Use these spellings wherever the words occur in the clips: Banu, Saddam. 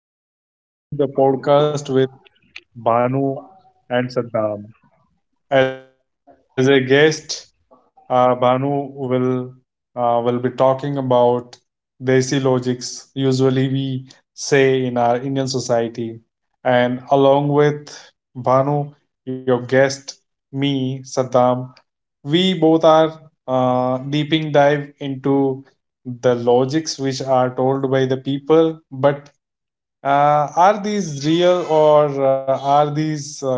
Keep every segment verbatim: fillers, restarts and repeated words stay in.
everyone. Welcome back to the podcast with Banu and Saddam. As a guest, uh, Banu will uh, will be talking about desi logics. Usually, we say in our Indian society, and along with Banu, your guest, me, Saddam, we both are uh, deeping dive into the logics which are told by the people, but uh, are these real or uh, are these uh,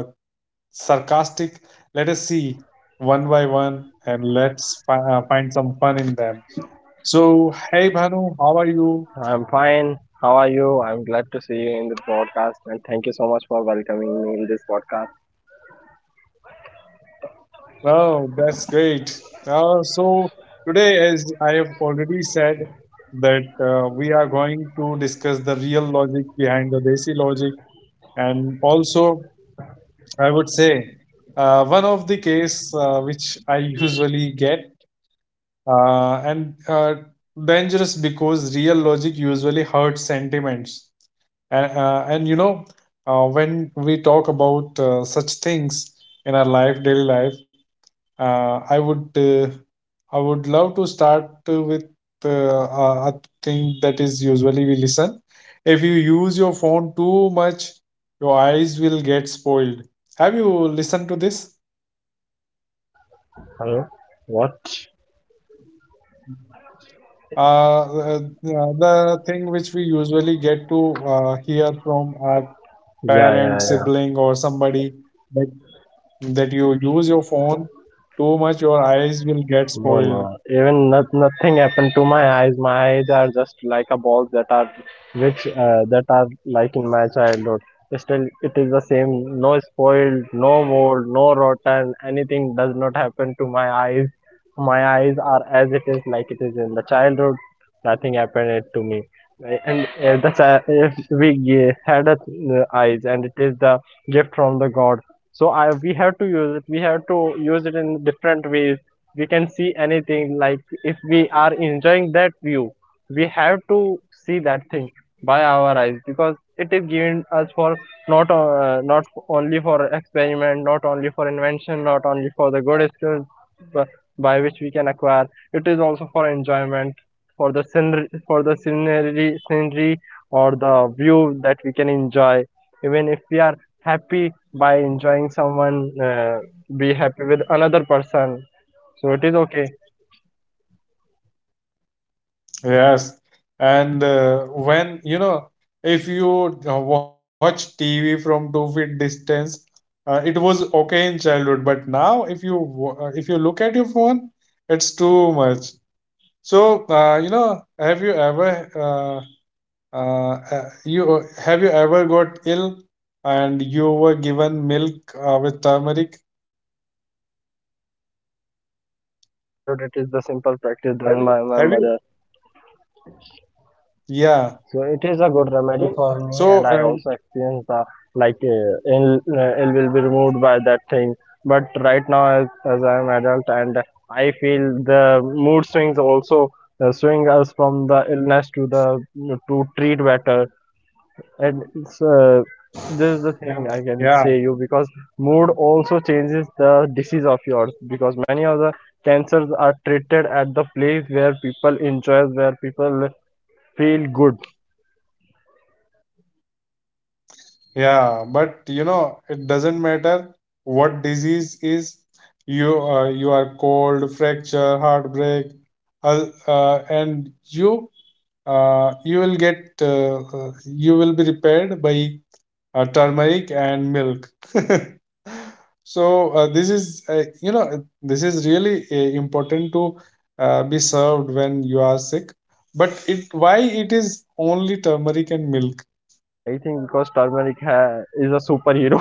sarcastic? Let us see one by one and let's fi- uh, find some fun in them. So, hey Bhanu, how are you? I'm fine. How are you? I'm glad to see you in the podcast and thank you so much for welcoming me in this podcast. Oh, that's great. Uh, so, today, as I have already said, that uh, we are going to discuss the real logic behind the Desi logic, and also, I would say, uh, one of the case uh, which I usually get. Uh, and uh, Dangerous because real logic usually hurts sentiments. And, uh, and you know, uh, when we talk about uh, such things in our life, daily life, uh, I would uh, I would love to start uh, with uh, a a thing that is usually we listen. If you use your phone too much, your eyes will get spoiled. Have you listened to this? Hello? What? Uh, uh, the thing which we usually get to uh, hear from our Yeah, parent, yeah, yeah. sibling, or somebody that, that you use your phone too much, your eyes will get No, spoiled. no. Even not, nothing happened to my eyes. My eyes are just like a balls that are, which uh, that are like in my childhood. Still, it is the same. No spoiled, no mold, no rotten. Anything does not happen to my eyes. My eyes are as it is, like it is in the childhood. Nothing happened to me. And if the chi- if we ge- had a, uh, eyes, and it is the gift from the God. So I we have to use it. We have to use it in different ways we can see anything like if we are enjoying that view we have to see that thing by our eyes because it is given us for not uh, not only for experiment, not only for invention, not only for the good skills by which we can acquire. It is also for enjoyment, for the scenery, for the scenery scenery or the view that we can enjoy. Even if we are happy by enjoying someone, uh, be happy with another person, so it is okay. Yes. And uh, when, you know, if you uh, watch T V from two feet distance, uh, it was okay in childhood, but now if you wa- uh, if you look at your phone, it's too much. So, uh, you know, have you ever uh, Uh, uh, you have you ever got ill and you were given milk uh, with turmeric? Yeah, I can remember in my childhood it is the simple practice done by my Have you? mother. Yeah. So it is a good remedy for So me, and uh, I also experience the like uh, ill uh, ill will be removed by that thing. But right now, as as I am adult, and I feel the mood swings also uh, swing us from the illness to the to treat better. And it's, uh, this is the thing I yeah, can say you because mood also changes the disease of yours, because many of the cancers are treated at the place where people enjoy, where people feel good. yeah. But you know, it doesn't matter what disease is. You uh, you are cold, fracture, heartbreak, uh, uh, and you uh, you will get uh, uh, you will be repaired by uh, turmeric and milk. So uh, this is uh, you know uh, this is really uh, important to uh, be served when you are sick. But it why it is only turmeric and milk? I think because turmeric ha is a superhero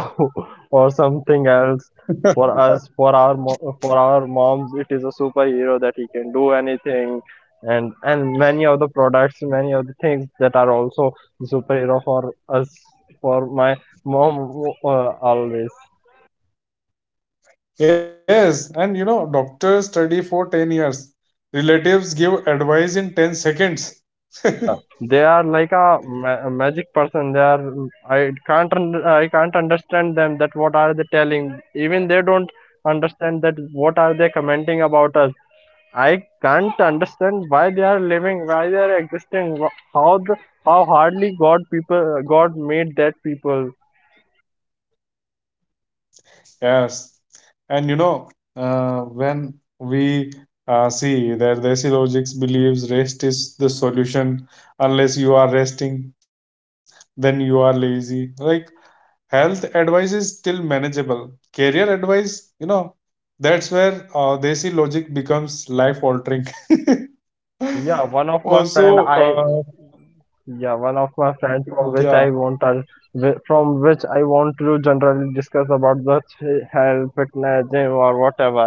or something else for us. For our mo- for our moms, it is a superhero that he can do anything, and and many of the products, many of the things that are also superhero for us, for my mom, uh, always. Yes, and you know doctors study for ten years. Relatives give advice in ten seconds. Yeah, they are like a, ma- a magic person. They are. I can't. Un- I can't understand them. That what are they telling? Even they don't understand that what are they commenting about us. I can't understand why they are living, why they are existing, wh- how the, how hardly God people God made that people. Yes, and you know uh, when we uh, see that the Asilogics believes rest is the solution. Unless you are resting, then you are lazy. Like health advice is still manageable. Career advice, you know, that's where uh, desi logic becomes life altering. Yeah, one of my friend Also, I uh, yeah one of my friend from which I yeah. want to whi- from which I want to generally discuss about the th- health, fitness, gym, or whatever.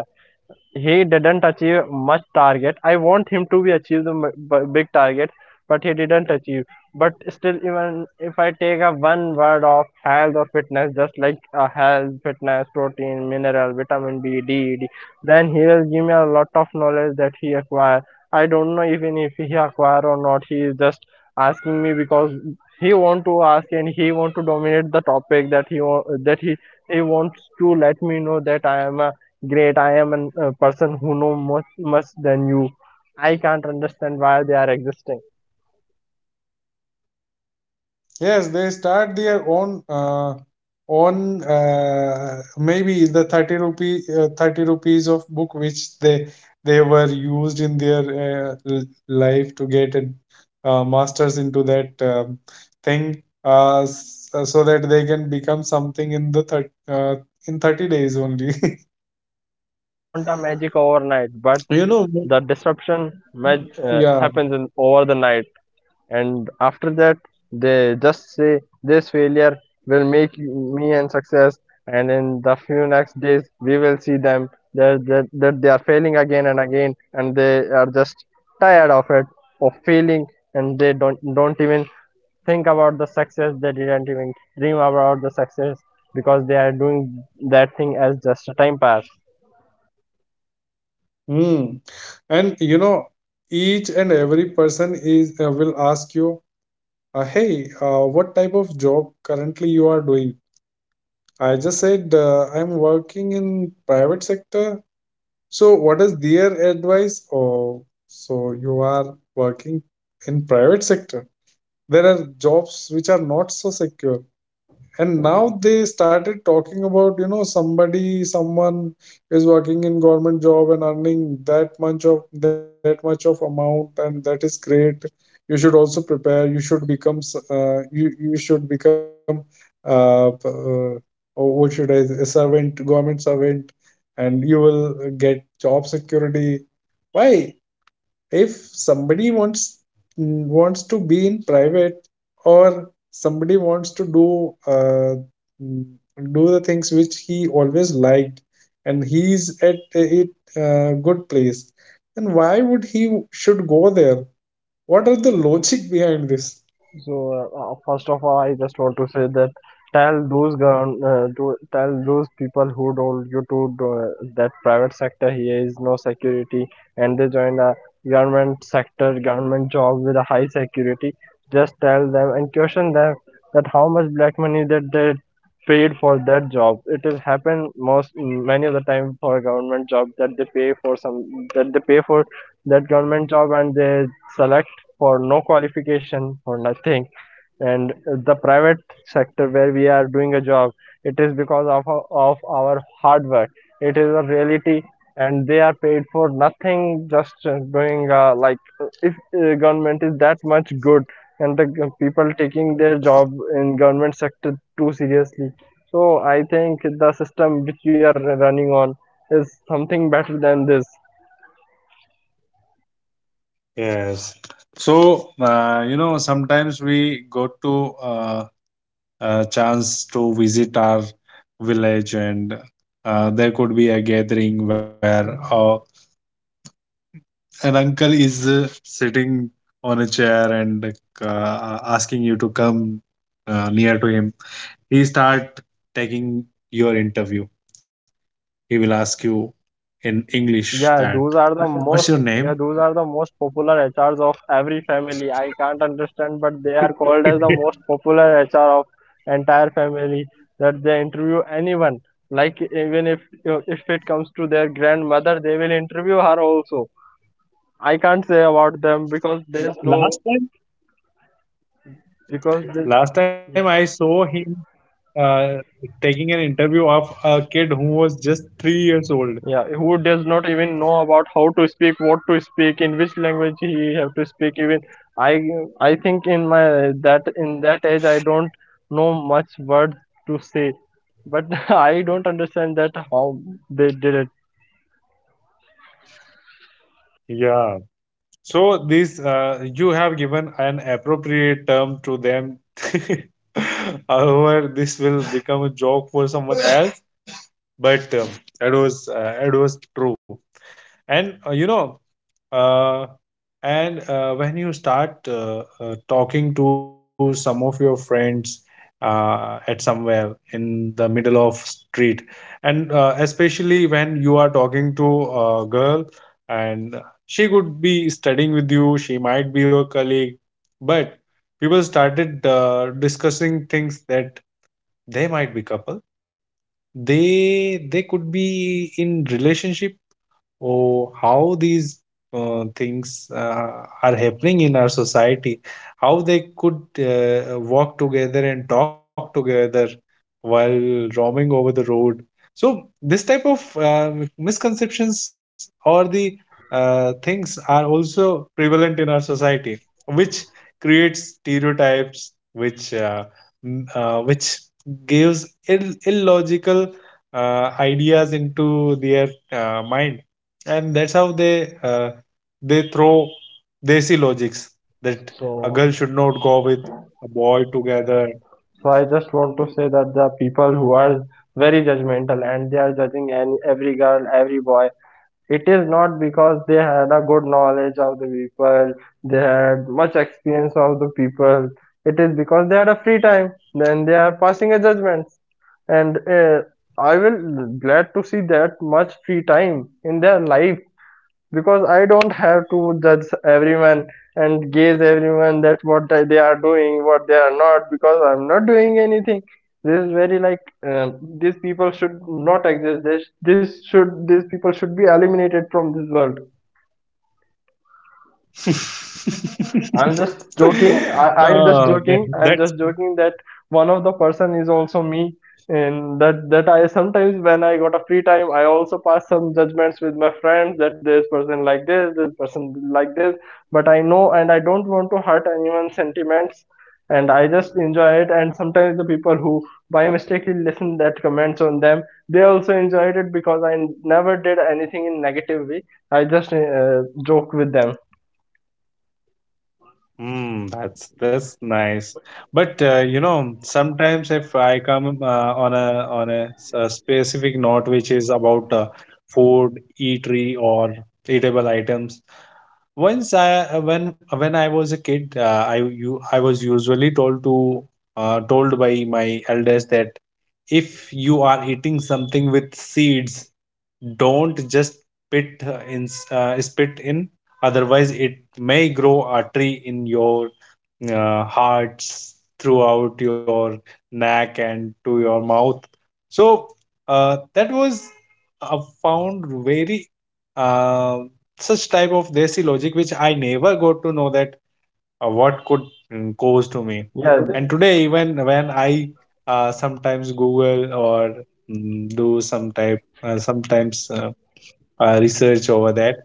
He didn't achieve much target. I want him to be achieve the m- b- big target, but he didn't achieve. But still, even if I take a one word of health or fitness, just like uh, health, fitness, protein, mineral, vitamin B, D, E, D, then he will give me a lot of knowledge that he acquire. I don't know even if he acquire or not. He is just asking me because he want to ask and he want to dominate the topic, that he wa- that he he wants to let me know that I am a great, I am a uh, person who know much, much than you. I can't understand why they are existing. Yes, they start their own uh, own uh, maybe the thirty rupee uh, thirty rupees of book which they they were used in their uh, l- life to get a uh, masters into that um, thing uh, s- uh, so that they can become something in the thir uh, in thirty days only. They want a magic overnight, but You know, the disruption mag- uh, yeah. happens in, over the night. And after that, they just say this failure will make you, me and success. And in the few next days, we will see them that, that, that they are failing again and again, and they are just tired of it, of failing, and they don't don't even think about the success. They didn't even dream about the success because they are doing that thing as just a time pass. Hmm. And you know, each and every person is uh, will ask you. Uh, hey, uh, what type of job currently you are doing? I just said uh, I'm working in private sector. So what is their advice? Oh, so you are working in private sector. There are jobs which are not so secure, and now they started talking about, you know, somebody, someone is working in government job and earning that much of that much of amount and that is great. You should also prepare, you should become s- uh, you you should become uh, p- uh, oh, what should I say, a servant, government servant, and you will get job security. Why, if somebody wants, mm, wants to be in private or somebody wants to do, uh, mm, do the things which he always liked and he's at a it, uh, good place, then why would he should go there? What are the logic behind this? So uh, uh, first of all, I just want to say that tell those govern, uh, to tell those people who told you to do, uh, that private sector here is no security, and they join the government sector, government job with a high security. Just tell them and question them that how much black money that they paid for that job. It has happened most mm, many of the time for government job, that they pay for some, that they pay for that government job and they select for no qualification, for nothing. And the private sector where we are doing a job, it is because of of our hard work. It is a reality. And they are paid for nothing, just uh, doing uh, like, uh, if uh, government is that much good, and the g- people taking their job in government sector too seriously, so I think the system which we are running on is something better than this. Yes. So, uh, you know, sometimes we go to uh, a chance to visit our village, and uh, there could be a gathering where uh, an uncle is uh, sitting on a chair and uh, asking you to come uh, near to him. He start taking your interview. He will ask you in english Yeah, that those are the what's your most name. yeah, those are the most popular H Rs of every family. I can't understand, but they are called as the most popular H R of entire family, that they interview anyone. Like even if if it comes to their grandmother, they will interview her also. I can't say about them because there's no last time because this Last time I saw him uh, taking an interview of a kid who was just three years old. yeah, who does not even know about how to speak, what to speak, in which language he have to speak. Even i i think in my that in that age I don't know much words to say, but I don't understand that how they did it. Yeah. So this uh, you have given an appropriate term to them. However, this will become a joke for someone else. But um, it was uh, it was true. And uh, you know, uh, and uh, when you start uh, uh, talking to some of your friends uh, at somewhere in the middle of street, and uh, especially when you are talking to a girl, and she could be studying with you, she might be your colleague, but people started uh, discussing things that they might be couple, they they could be in relationship. Oh, how these uh, things uh, are happening in our society, how they could uh, walk together and talk together while roaming over the road. So this type of uh, misconceptions or the uh, things are also prevalent in our society, which creates stereotypes which uh, m- uh, which gives Ill- illogical uh, ideas into their uh, mind. And that's how they uh, they throw desi logics, that a so girl should not go with a boy together. so I just want to say that the people who are very judgmental and they are judging any, every girl, every boy, it is not because they had a good knowledge of the people, they had much experience of the people. It is because they had a free time. Then they are passing a judgment. And uh, I will glad to see that much free time in their life, because I don't have to judge everyone and gaze everyone that what they are doing, what they are not, because I'm not doing anything. This is very like, um, these people should not exist. This, this should These people should be eliminated from this world. I'm just joking. I, I'm just Oh, that, joking. I'm that's just joking that one of the person is also me, and that that I sometimes when I got a free time, I also pass some judgments with my friends that this person like this, this person like this. But I know, and I don't want to hurt anyone's sentiments, and I just enjoy it. And sometimes the people who by mistake listen that comments on them, they also enjoyed it because I never did anything in negative way. I just uh, joke with them. mm, that's that's nice. But uh, you know, sometimes if I come uh, on a on a, s- a specific note which is about uh, food eatery or eatable items. Once I uh, when when I was a kid, uh, I you I was usually told to uh, told by my elders that if you are eating something with seeds, don't just spit uh, in uh, spit in, otherwise it may grow a tree in your uh, hearts throughout your neck and to your mouth. So uh, that was uh, found very uh, such type of desi logic which I never got to know that uh, what could mm, cause to me. Yeah. And today even when I uh, sometimes google or mm, do some type uh, sometimes uh, uh, research over that,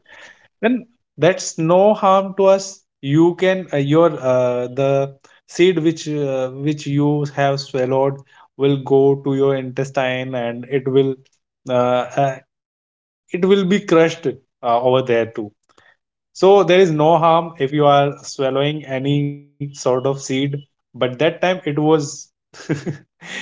then that's no harm to us. You can uh, your uh, the seed which uh, which you have swallowed will go to your intestine and it will uh, uh, it will be crushed uh, over there too. So there is no harm if you are swallowing any sort of seed, but that time it was,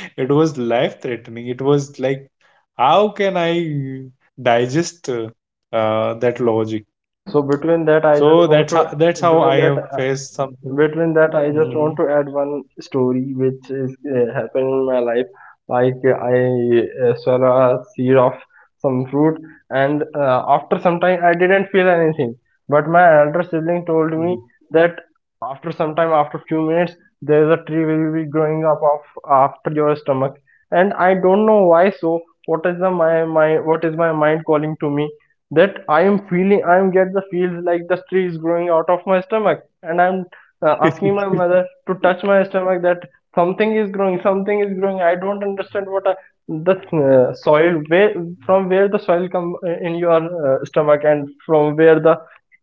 it was life threatening. It was like, how can I digest uh, uh, that logic? so between that i just So want that's to how, that's how I between that have faced something. Between that, I just want Mhm, to add one story which is uh, happened in my life. Like, uh, I uh, swallow a seed of some fruit, and uh, after some time I didn't feel anything, but my elder sibling told me mhm. that after some time, after few minutes, there is a tree will be growing up of after your stomach. And I don't know why. So what is the my my, what is my mind calling to me, that I am feeling, I am get the feels like the tree is growing out of my stomach, and I'm uh, asking my mother to touch my stomach, that something is growing, something is growing. I don't understand what I, the uh, soil, where from where the soil come uh, in your uh, stomach, and from where the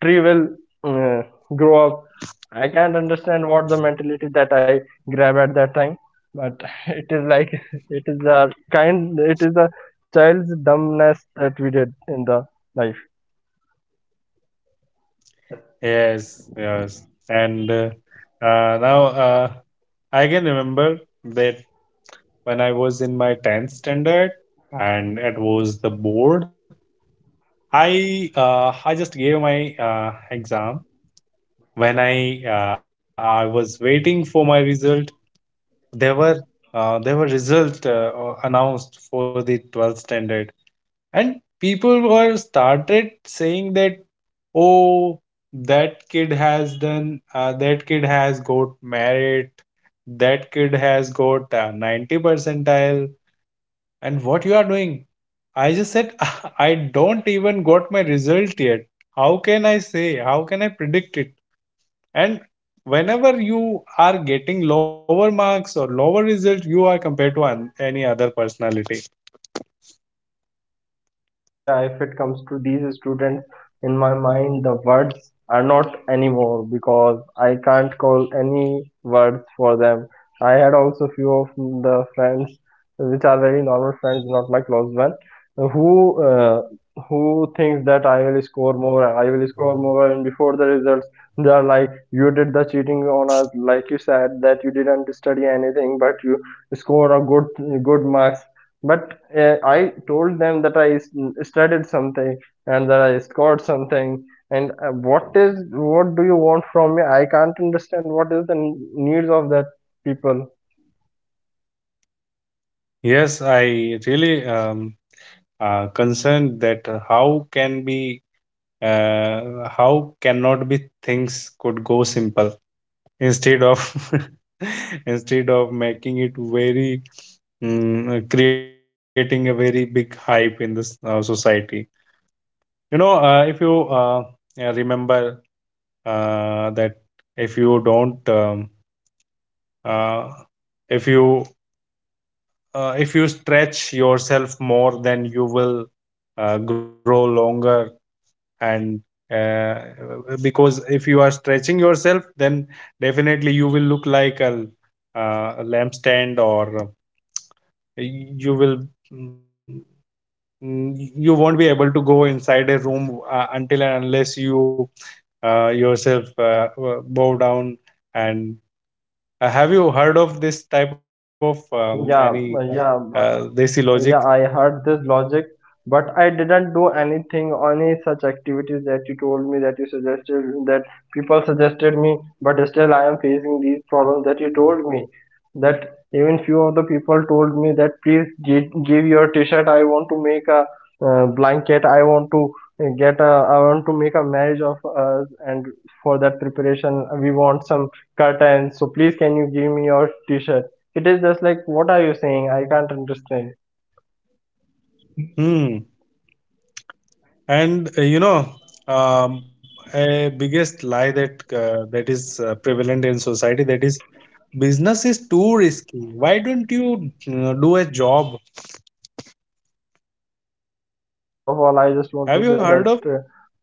tree will uh, grow up. I can't understand what the mentality that I grab at that time, but it is like it is a kind, it is a child's dumbness that we did in the life. Yes, yes. And uh, uh, Now uh, I can remember that when I was in my tenth standard and it was the board, I uh, I just gave my uh, exam. When I uh, I was waiting for my result, there were uh, there were result uh, announced for the twelfth standard, and people were started saying that, oh, that kid has done uh, that kid has got merit, that kid has got uh, ninety percentile, and what you are doing? I just said, I don't even got my result yet. How can I say? How can I predict it? And whenever you are getting lower marks or lower result, you are compared to an, any other personality. Yeah, if it comes to these students, in my mind, the words are not anymore because I can't call any words for them. I had also few of the friends, which are very normal friends, not my close one, who uh, who thinks that I will score more, I will score more, and before the results, they are like, you did the cheating on us, like you said that you didn't study anything, but you scored a good good marks. But uh, I told them that I studied something, and that I scored something. And uh, what is, what do you want from me? I can't understand what is the needs of that people. Yes, I really um, uh, concerned that uh, how can be uh, how cannot be things could go simple instead of, instead of making it very mm, uh, creating a very big hype in this uh, society. You know, uh, if you uh, uh, remember uh, that if you don't, um, uh, if you, uh, if you stretch yourself more, then you will uh, grow longer. And uh, because if you are stretching yourself, then definitely you will look like a, uh, a lampstand, or uh, you will, mm, mm, you won't be able to go inside a room uh, until and unless you uh, yourself uh, uh, bow down. And uh, have you heard of this type of um, any Yeah, uh, uh, yeah. desi logic? Yeah, I heard this logic, but I didn't do anything, any such activities that you told me, that you suggested, that people suggested me, but still I am facing these problems that you told me. That even few of the people told me that, please gi- give your t-shirt. I want to make a uh, blanket. I want to uh, get a. I want to make a marriage of us, and for that preparation we want some curtains. So please can you give me your t-shirt? It is just like what are you saying? I can't understand. Hmm. And uh, you know, um, a biggest lie that uh, that is uh, prevalent in society, that is business is too risky. Why don't you uh, do a job? First of all, I just want to say Have you that, heard of? uh,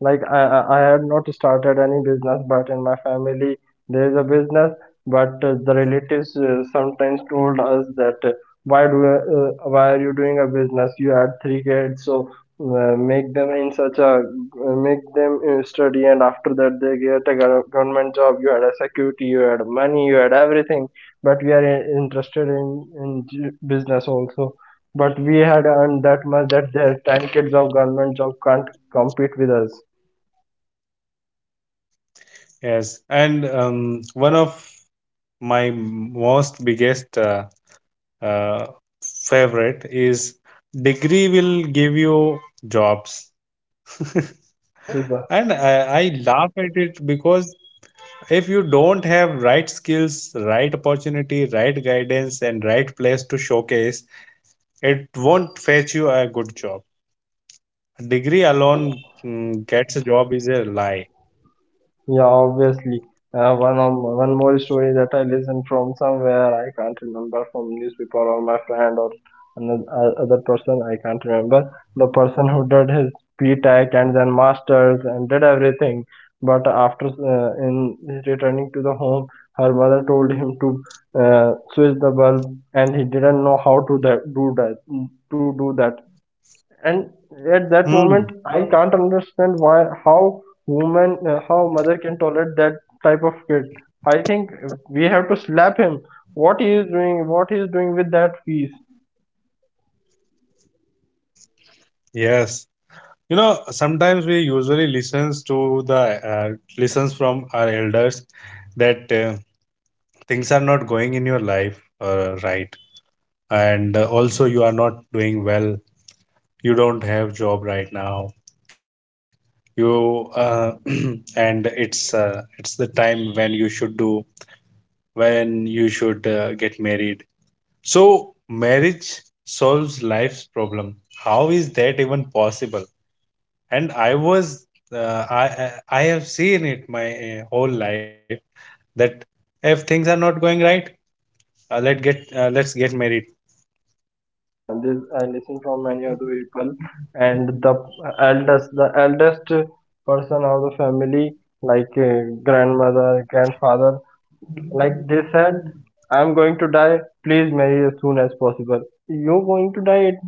like, I, I I have not started any business, but in my family there is a business. But uh, the relatives uh, sometimes told us that uh, why do uh, uh, why are you doing a business? You had three kids, so uh, make them in such a uh, make them uh, study, and after that they get a gov- government job. You had a security, you had money, you had everything, but we are in- interested in in j- business also. But we had earned that much that their ten kids of government job can't compete with us. Yes, and um, one of my most biggest uh, uh, favorite is, degree will give you jobs. Oh, this Right? is the And I, I laugh at it because if you don't have right skills, right opportunity, right guidance and right place to showcase, it won't fetch you a good job. A yeah. degree alone mm, gets a job is a lie. Yeah, obviously. Uh, one of, one more story that I listened from somewhere. I can't remember, from newspaper or my friend or another uh, other person. I can't remember. The person who did his P-Tech and then masters and did everything, but after uh, in returning to the home, her mother told him to uh, switch the bulb, and he didn't know how to that, do that to do that, and at that moment I Hmm. can't understand why, how woman, uh, how mother can tolerate that type of kid. I think we have to slap him. What he is doing, what he is doing with that fees? yes you know, sometimes we usually listens to the uh, listens from our elders that uh, things are not going in your life uh, right, and uh, also you are not doing well, you don't have job right now, you uh, and it's uh, it's the time when you should do, when you should uh, get married. So marriage solves life's problem. How is that even possible? And i was uh, i i i have seen it my uh, whole life that if things are not going right, uh, let get uh, let's get married. Yeah yeah this I listen from many other people, and the eldest the eldest person of the family, like uh, grandmother, grandfather, like they said, I'm going to die, please marry as soon as possible, you're going to die. It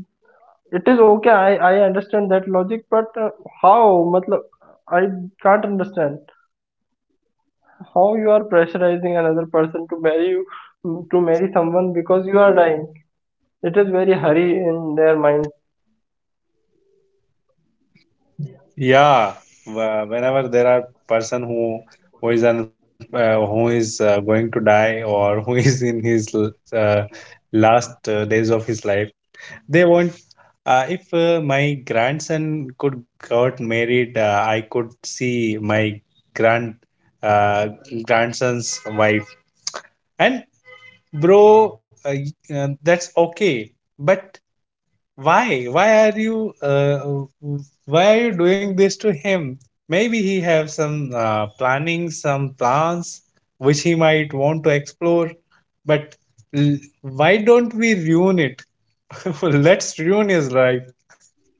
It is okay. I I understand that logic, but uh, how? Matlab, I can't understand how you are pressurizing another person to marry you, to marry someone because you are dying. It is very hurry in their mind. Yeah, wh- whenever there are person who who is un, uh, who is uh, going to die or who is in his l- uh, last uh, days of his life, they want. Uh, if uh, my grandson could got married, uh, I could see my grand uh, grandson's wife. And bro, uh, y- uh, that's okay, but why? Why are you? Uh, why are you doing this to him? Maybe he have some uh, planning, some plans which he might want to explore. But l- why don't we ruin it? Let's ruin his life.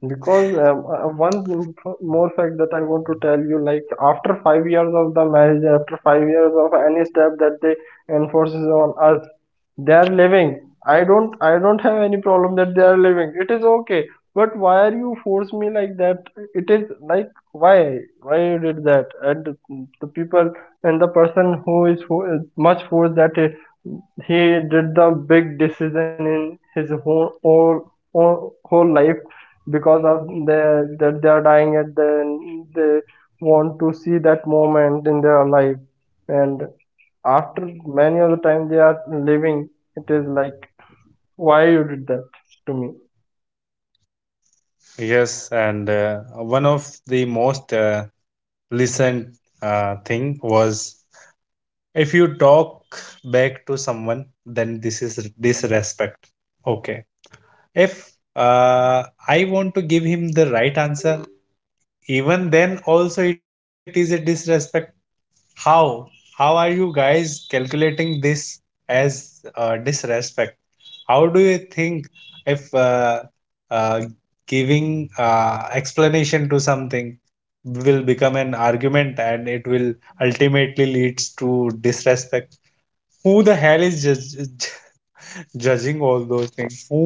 Because um, uh, one m- more fact that I want to tell you, like after five years of the marriage, after five years of any step that they enforces on us, they are living. I don't, I don't have any problem that they are living. It is okay. But why are you force me like that? It is like why, why you did that? And the people, and the person who is who is much force, that he did the big decision in his whole, whole, whole whole life because of the that they are dying, and then they want to see that moment in their life. And after many of the time they are living, it is like why you did that to me. Yes, and uh, one of the most uh, listened uh, thing was, if you talk back to someone, then this is disrespect. Okay, if uh, I want to give him the right answer, even then also it is a disrespect. how how are you guys calculating this as uh, disrespect? How do you think if uh, uh, giving uh, explanation to something will become an argument and it will ultimately leads to disrespect? Who the hell is judge- judging all those things, who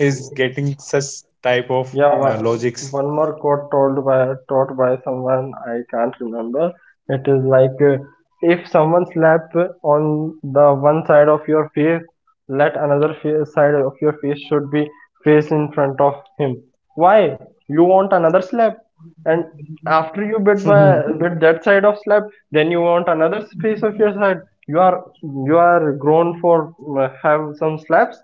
is getting such type of Yeah, uh, one, logics? one more quote told by taught by someone. I can't remember. It is like uh, if someone slap on the one side of your face, let another fa- side of your face should be faced in front of him. Why? You want another slap, and after you bit by bit that side of slap, then you want another face of your side. You are you are grown for uh, have some slaps.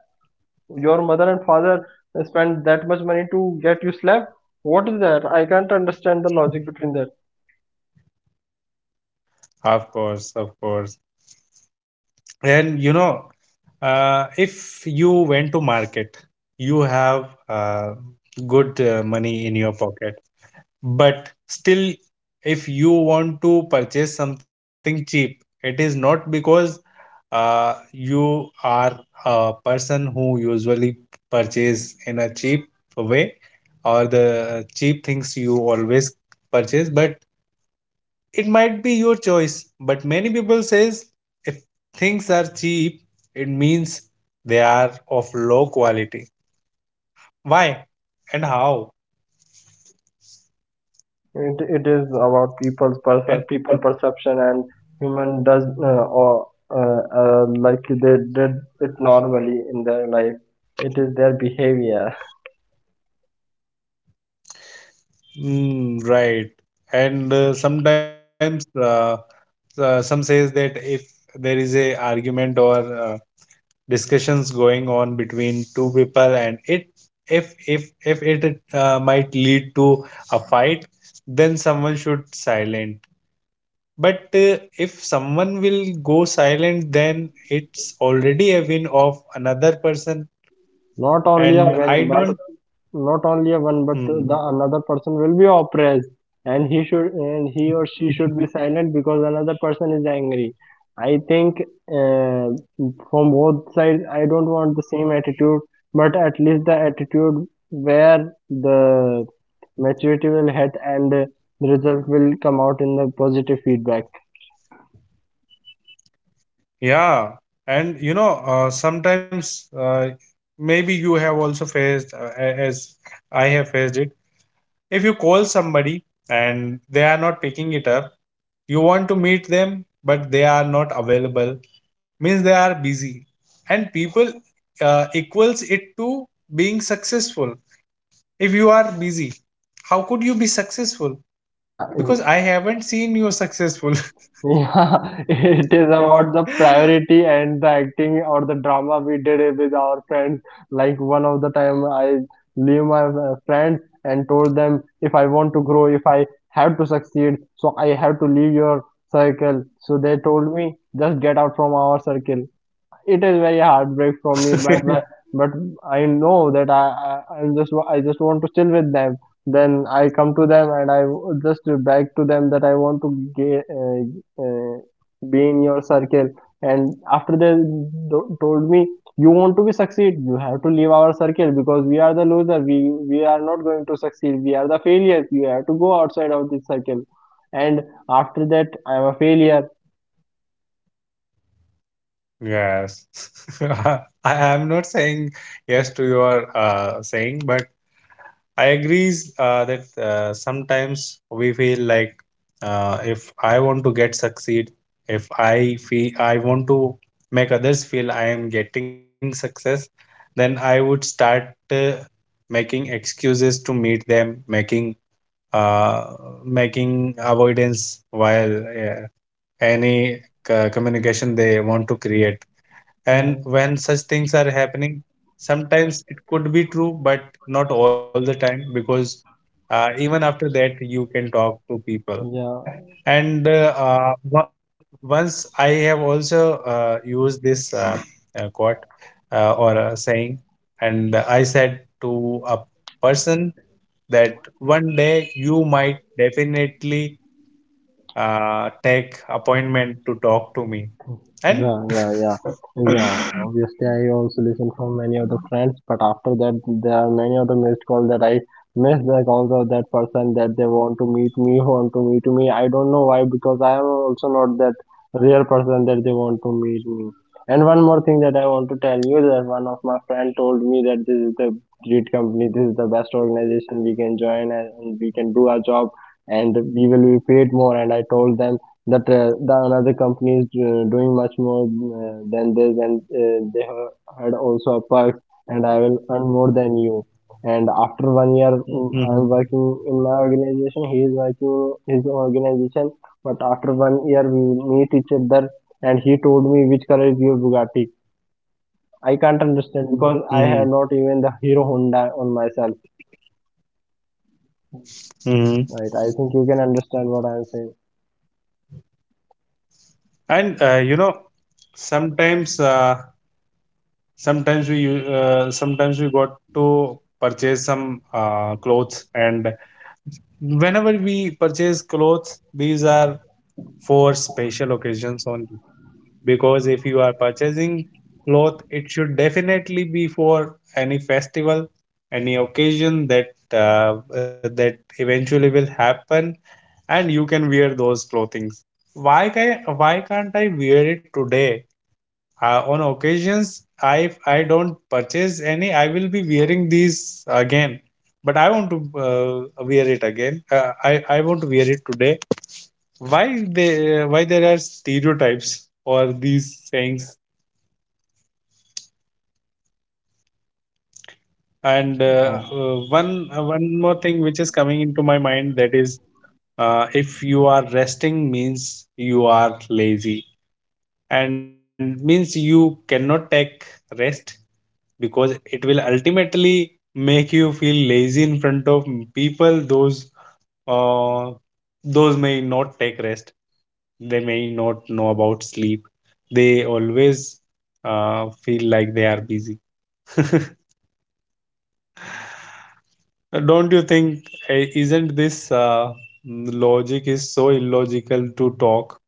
Your mother and father spent that much money to get you slab. What is that? I can't understand the logic between that. Of course, of course. And you know, uh, if you went to market, you have uh, good uh, money in your pocket, but still if you want to purchase something cheap, it is not because uh, you are a person who usually purchase in a cheap way, or the cheap things you always purchase, but it might be your choice. But many people says, if things are cheap, it means they are of low quality. Why and how? It, it is about people's perce- And people perception, and human does uh, or uh, uh, like they did it normally in their life. It is their behavior. mm, right. And uh, sometimes uh, uh, some says that if there is a argument or uh, discussions going on between two people, and it if if if it uh, might lead to a fight, then someone should silent. But uh, if someone will go silent, then it's already a win of another person. Not only a win, And but I don't. not only a one, but the Hmm. another person will be oppressed, and he should, and he or she should be silent because another person is angry. I think uh, from both sides I don't want the same attitude, but at least the attitude where the maturity will hit and the result will come out in the positive feedback. Yeah, and you know, uh, sometimes uh, maybe you have also faced, uh, a- as I have faced it, if you call somebody and they are not picking it up, you want to meet them but they are not available, means they are busy, and people uh, equals it to being successful. If you are busy, how could you be successful? Yeah. Because I haven't seen you successful. Yeah, it is about the priority and the acting or the drama we did it with our friends. Like one of the time I leave my uh, friends and told them if I want to grow, if I have to succeed, so I have to leave your circle. So they told me just get out from our circle. It is very heartbreak for me, but but, but I know that I, I i just wa- I just want to chill with them, then I come to them and I w- just beg to them that I want to ga- uh, uh, be in your circle. And after they do- told me, you want to be succeed, you have to leave our circle because we are the loser, we we are not going to succeed, we are the failures, you have to go outside of this circle. And after that I'm a failure. Yes, I am not saying yes to your uh, saying, but I agrees uh, that uh, sometimes we feel like, uh, if I want to get succeed, if I feel I want to make others feel I am getting success, then I would start uh, making excuses to meet them, making uh, making avoidance while uh, any uh, communication they want to create. And when such things are happening, sometimes it could be true, but not all the time because uh, even after that, you can talk to people. Yeah. And uh, uh, wa- once I have also uh, used this uh, uh, quote uh, or uh, saying, and I said to a person that one day you might definitely uh, take appointment to talk to me. And Yeah, yeah, yeah, yeah. Obviously, I also listen from many of the friends, but after that, there are many of the missed calls that I miss, the calls of that person that they want to meet me, want to meet me. I don't know why, because I am also not that real person that they want to meet me. And one more thing that I want to tell you, that one of my friend told me that this is the great company, this is the best organization we can join, and and we can do our job and we will be paid more. And I told them that uh, the another company is uh, doing much more uh, than this, and uh, they ha- had also a perk, and I will earn more than you. And after one year mm, I'm mhm, working in my organization, he is working his organization. But after one year we meet each other, and he told me, which color is your Bugatti? I can't understand, because I have mhm, not even the Hero Honda on myself. mhm. Right? I think you can understand what I'm saying. And uh, you know, sometimes uh, sometimes we u- uh, sometimes we got to purchase some uh, clothes, and whenever we purchase clothes, these are for special occasions only, because if you are purchasing cloth, it should definitely be for any festival, any occasion that uh, that eventually will happen, and you can wear those clothings. Why can, why can't I wear it today, uh, on occasions? I, if I don't purchase any, I will be wearing these again. But I want to uh, wear it again, uh, i I want to wear it today. Why? They uh, why there are stereotypes or these sayings? And Uh, uh, uh, one uh, one more thing which is coming into my mind, that is, uh, if you are resting, means you are lazy, and means you cannot take rest, because it will ultimately make you feel lazy in front of people. Those uh, those may not take rest, they may not know about sleep, they always uh, feel like they are busy. Don't you think, eh, isn't this uh, logic is so illogical to talk?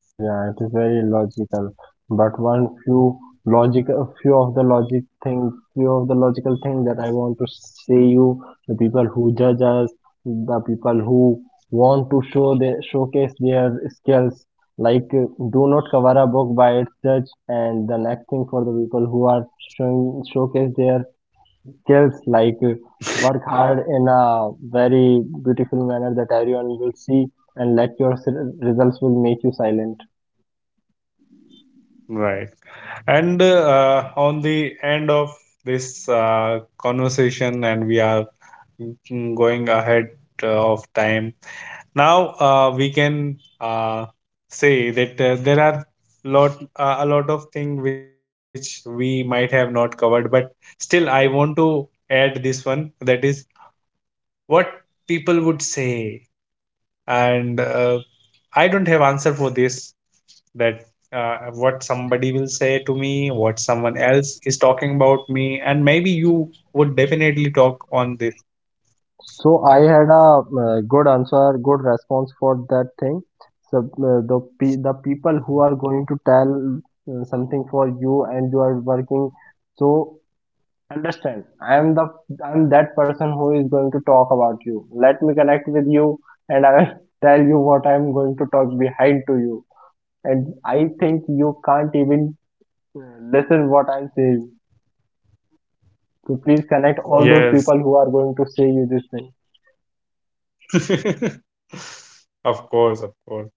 Yeah, it is very logical. But one few logical, few of the logic thing, few of the logical thing that I want to say you, the people who judge us, the people who want to show their showcase their skills, like uh, do not cover a book by its judge. And the next thing, for the people who are showing showcase their skills, like uh, work hard in a very beautiful manner that everyone will see, and let your s- results will make you silent. Right. And uh, on the end of this uh, conversation, and we are mm, going ahead uh, of time, now uh, we can uh, say that uh, there are lot uh, a lot of things which we might have not covered, but still I want to add this one, that is, what people would say. And uh, I don't have answer for this, that uh, what somebody will say to me, what someone else is talking about me, and maybe you would definitely talk on this. So I had a uh, good answer, good response for that thing. So uh, the pe- the people who are going to tell uh, something for you and you are working, so understand. I am the I am that person who is going to talk about you. Let me connect with you, and I will tell you what I am going to talk behind to you. And I think you can't even uh, listen what I'm saying. So please connect all those people Yes, who are going to say you this thing. of course, of course.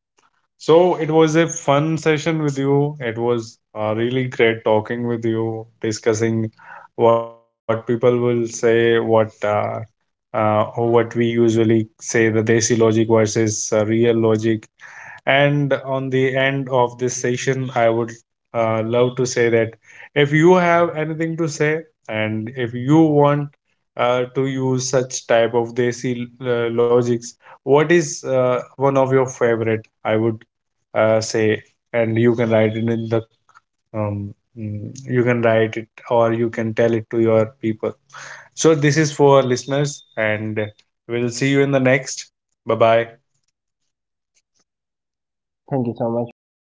So it was a fun session with you. It was uh, really great talking with you, discussing what people will say, what uh, uh, or what we usually say, the desi logic versus uh, real logic, and on the end of this session, I would uh, love to say that if you have anything to say, and if you want uh, to use such type of desi uh, logics, what is uh, one of your favorite? I would uh, say, and you can write it in the um, mm, you can write it or you can tell it to your people. So this is for listeners, and we'll see you in the next. Bye bye. Thank you so much. Bye bye.